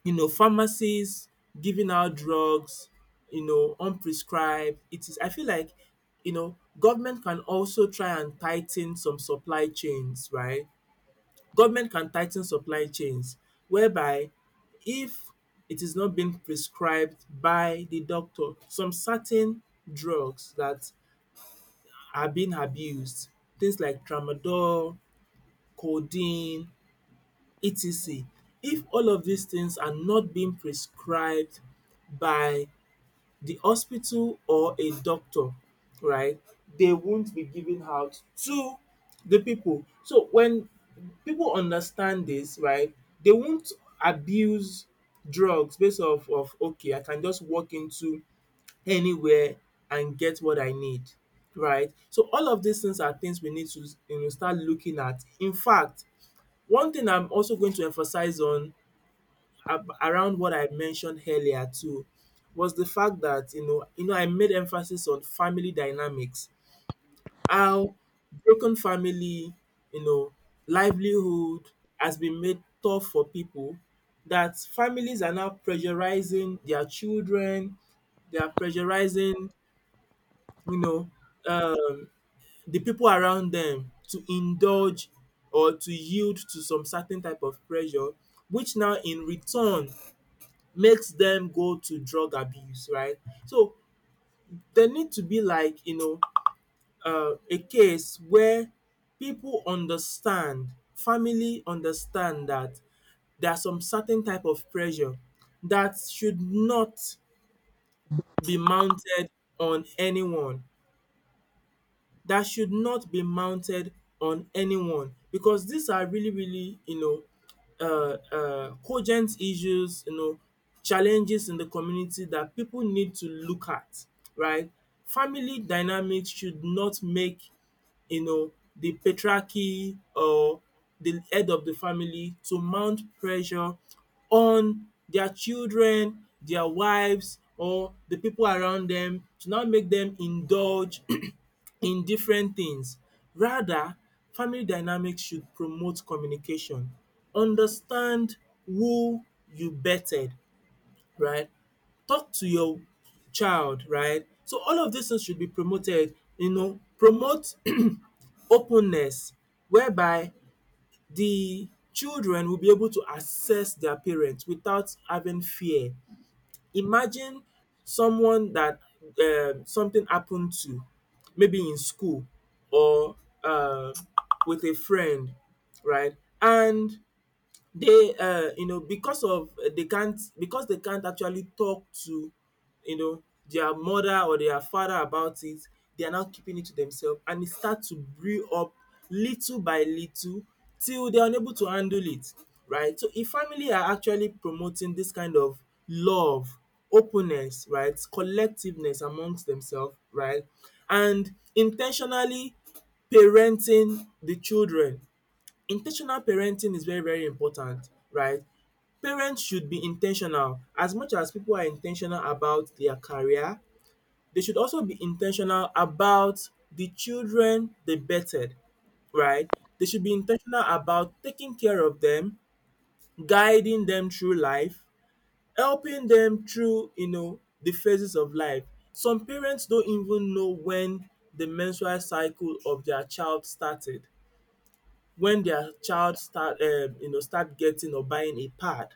you know, pharmacies giving out drugs, you know, unprescribed. It is, I feel like, you know, government can also try and tighten some supply chains, right? Government can tighten supply chains whereby, if it is not being prescribed by the doctor, some certain drugs that are being abused, things like tramadol, codeine, et cetera. If all of these things are not being prescribed by the hospital or a doctor, right, they won't be given out to the people. So when people understand this, right, they won't abuse drugs based off of, okay, I can just walk into anywhere and get what I need, right? So all of these things are things we need to, you know start looking at. In fact, one thing I'm also going to emphasize on, ab around what I mentioned earlier too, was the fact that, you know you know, I made emphasis on family dynamics. How broken family, you know, livelihood has been made tough for people, that families are now pressurizing their children, they are pressurizing, you know, um the people around them, to indulge or to yield to some certain type of pressure, which now in return makes them go to drug abuse, right. So there need to be like, you know uh, a case where people understand, family understand, that there are some certain type of pressure that should not be mounted on anyone. That should not be mounted on anyone because these are really, really, you know uh, uh, cogent issues, you know, challenges in the community that people need to look at, right. Family dynamics should not make, you know, the patriarchy or the head of the family, to mount pressure on their children, their wives, or the people around them to now make them indulge [CLEARS THROAT] in different things. Rather, family dynamics should promote communication. Understand who you betted, right? Talk to your child, right? So all of these things should be promoted. You know, promote openness, whereby the children will be able to assess their parents without having fear. Imagine someone that um something happened to, maybe in school or um with a friend, right? And they uh, you know because of uh, they can't because they can't actually talk to you know their mother or their father about it. They are now keeping it to themselves, and it starts to brew up little by little till they are unable to handle it, right? So if family are actually promoting this kind of love, openness, right, collectiveness amongst themselves, right, and intentionally parenting the children. In ten tional parenting is very very important, right? Parents should be in ten tional as much as people are in ten tional about their career. They should also be in ten tional about the children they birthed, right? They should be in ten tional about taking care of them, guiding them through life, helping them through, you know, the phases of life. Some parents don't even know when the menstrual cycle of their child started, when their child start, um you know, start getting or buying a pad,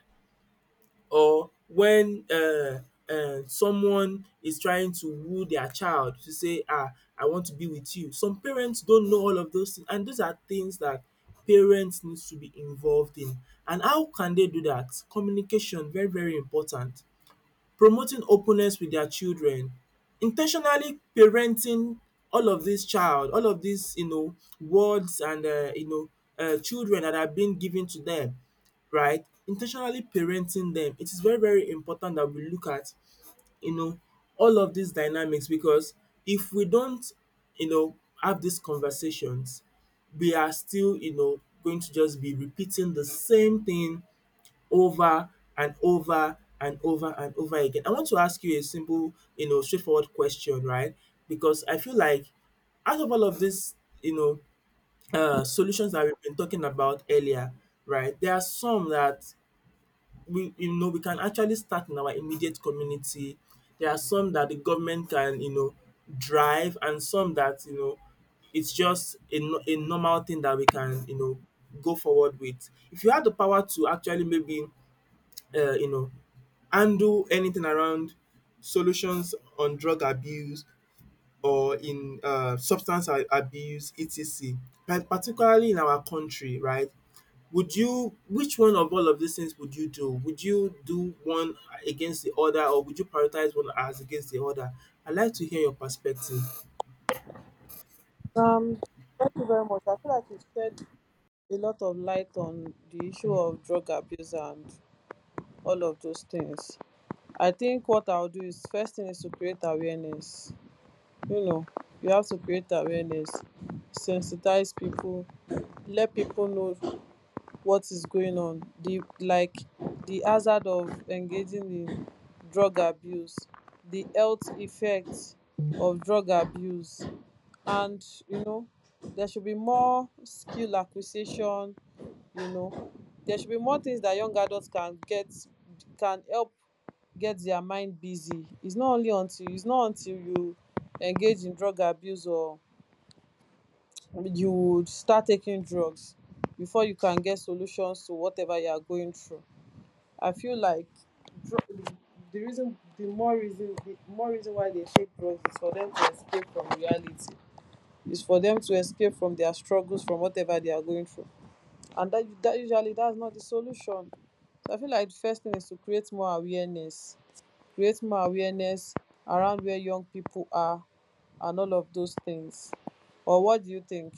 or when uh, um someone is trying to woo their child to say, ah, I want to be with you. Some parents don't know all of those things, and those are things that parents needs to be involved in. And how can they do that? Communication, very very important. Promoting openness with their children, in ten tionally parenting all of this child, all of this, you know, words and um you know, um children that are being given to them, right, in ten tionally parenting them. It is very very important that we look at, you know, all of these dynamics, because if we don't, you know, have these conversations, we are still, you know, going to just be repeating the same thing over and over and over and over again. I want to ask you a simple, you know, straightforward question, right? Because I feel like out of all of these, you know, uh, solutions that we've been talking about earlier, right? There are some that we, you know, we can actually start in our immediate community. There are some that the government can, you know, drive, and some that, you know, it's just a, no- a normal thing that we can, you know, go forward with. If you had the power to actually maybe uh, you know, handle anything around solutions on drug abuse or in um substance a- abuse et cetera. But particularly in our country, right? Would you, which one of all of these things would you do? Would you do one against the other, or would you prioritize one as against the other? I'd like to hear your perspective.
Um, Thank you very much. I feel like you shed a lot of light on the issue of drug abuse and all of those things. I think what I'll do is first thing is to create awareness. You know, you have to create awareness, sensitize people, let people know what is going on, the like the hazard of engaging in drug abuse, the health effects of drug abuse. And, you know, there should be more skill acquisition, you know. There should be more things that young adults can get, can help get their mind busy. It's not only until, it's not until you engage in drug abuse or you would start taking drugs before you can get solutions to whatever you are going through. I feel like dr- the reason, the more reason, the more reason why they take drugs is for them to escape from reality. It's for them to escape from their struggles, from whatever they are going through. And that, that usually that's not the solution. So I feel like the first thing is to create more awareness, create more awareness around where young people are, and all of those things. Or what do you think?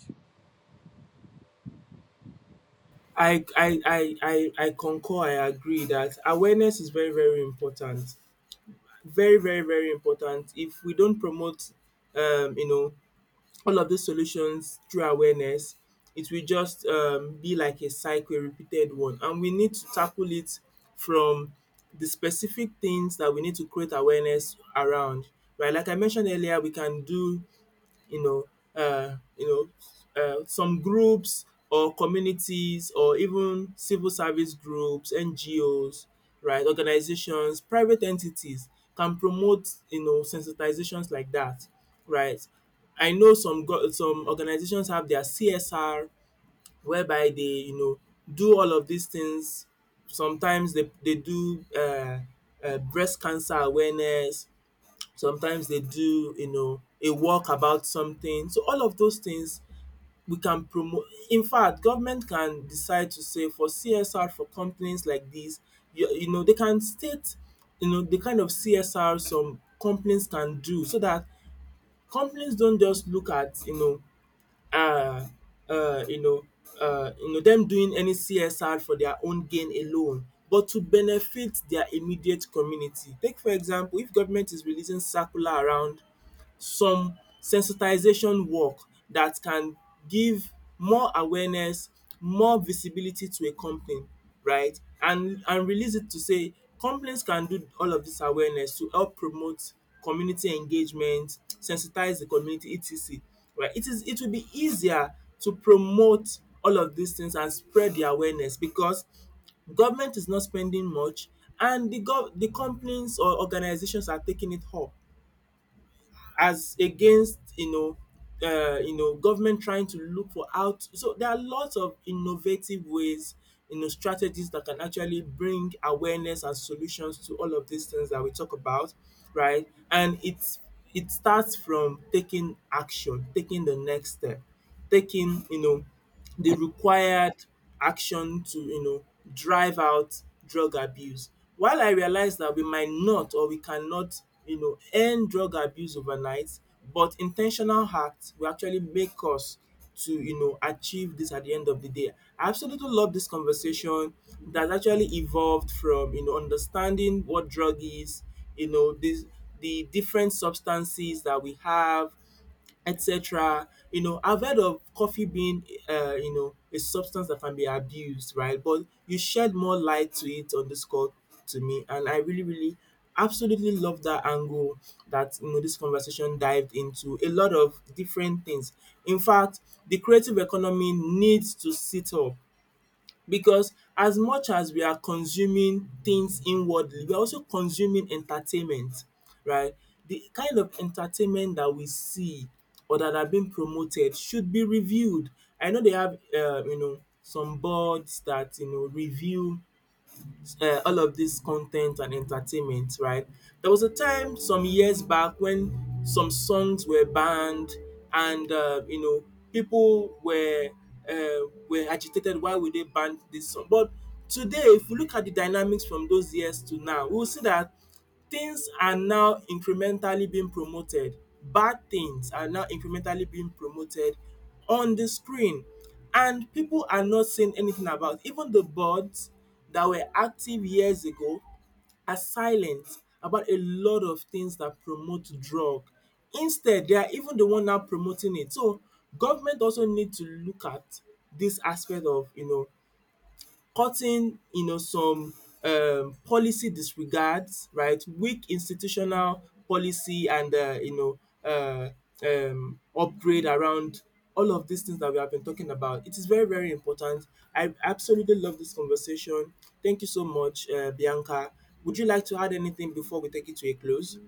I I I I I concur, I agree that awareness is very very important, very very very important. If we don't promote, um you know, all of these solutions through awareness, it will just um be like a cycle, a repeated one, and we need to tackle it from the specific things that we need to create awareness around, right? Like I mentioned earlier, we can do, you know, uh, you know, uh, some groups or communities or even civil service groups, N G Os, right, organizations, private entities can promote, you know, sensitizations like that, right? I know some go- some organizations have their C S R whereby they, you know, do all of these things. Sometimes they, they do uh, uh, breast cancer awareness, sometimes they do, you know, a walk about something. So all of those things we can promote. In fact, government can decide to say for csr for companies like this, you, you know, they can state, you know, the kind of csr some companies can do, so that companies don't just look at, you know, uh uh you know uh you know, them doing any csr for their own gain alone, but to benefit their immediate community. Take for example, if government is releasing circular around some sensitization work that can give more awareness, more visibility to a company, right? And and release it to say companies can do all of this awareness to help promote community engagement, sensitize the community et cetera Right. It is it will be easier to promote all of these things and spread the awareness, because government is not spending much, and the gov the companies or organizations are taking it up, as against, you know, uh, you know, government trying to look for out. So there are lots of innovative ways, you know, strategies that can actually bring awareness and solutions to all of these things that we talk about, right? And it's, it starts from taking action, taking the next step, taking, you know, the required action to, you know, drive out drug abuse. While I realize that we might not, or we cannot, you know, end drug abuse overnight, but intentional acts will actually make us to, you know, achieve this at the end of the day. I absolutely love this conversation that actually evolved from, you know, understanding what drug is, you know, this, the different substances that we have et cetera. You know, I've heard of coffee being, uh, you know, a substance that can be abused, right? But you shed more light to it on this call to me, and I really, really, absolutely love that angle that, you know, this conversation dived into. A lot of different things. In fact, the creative economy needs to sit up, because as much as we are consuming things inwardly, we are also consuming entertainment, right? The kind of entertainment that we see or that are being promoted should be reviewed. I know they have, um you know, some boards that, you know, review uh, all of this content and entertainment, right? There was a time some years back when some songs were banned, and uh, you know, people were uh, were agitated. Why would they ban this song? But today, if we look at the dynamics from those years to now, we will see that things are now incrementally being promoted, bad things are now incrementally being promoted on the screen, and people are not saying anything about it. Even the boards that were active years ago are silent about a lot of things that promote drug. Instead, they are even the one now promoting it. So government also need to look at this aspect of, you know, cutting, you know, some um policy disregards, right, weak institutional policy and um you know um um upgrade around all of these things that we have been talking about. It is very very important. I absolutely love this conversation. Thank you so much, um Bianca. Would you like to add anything before we take it to a close?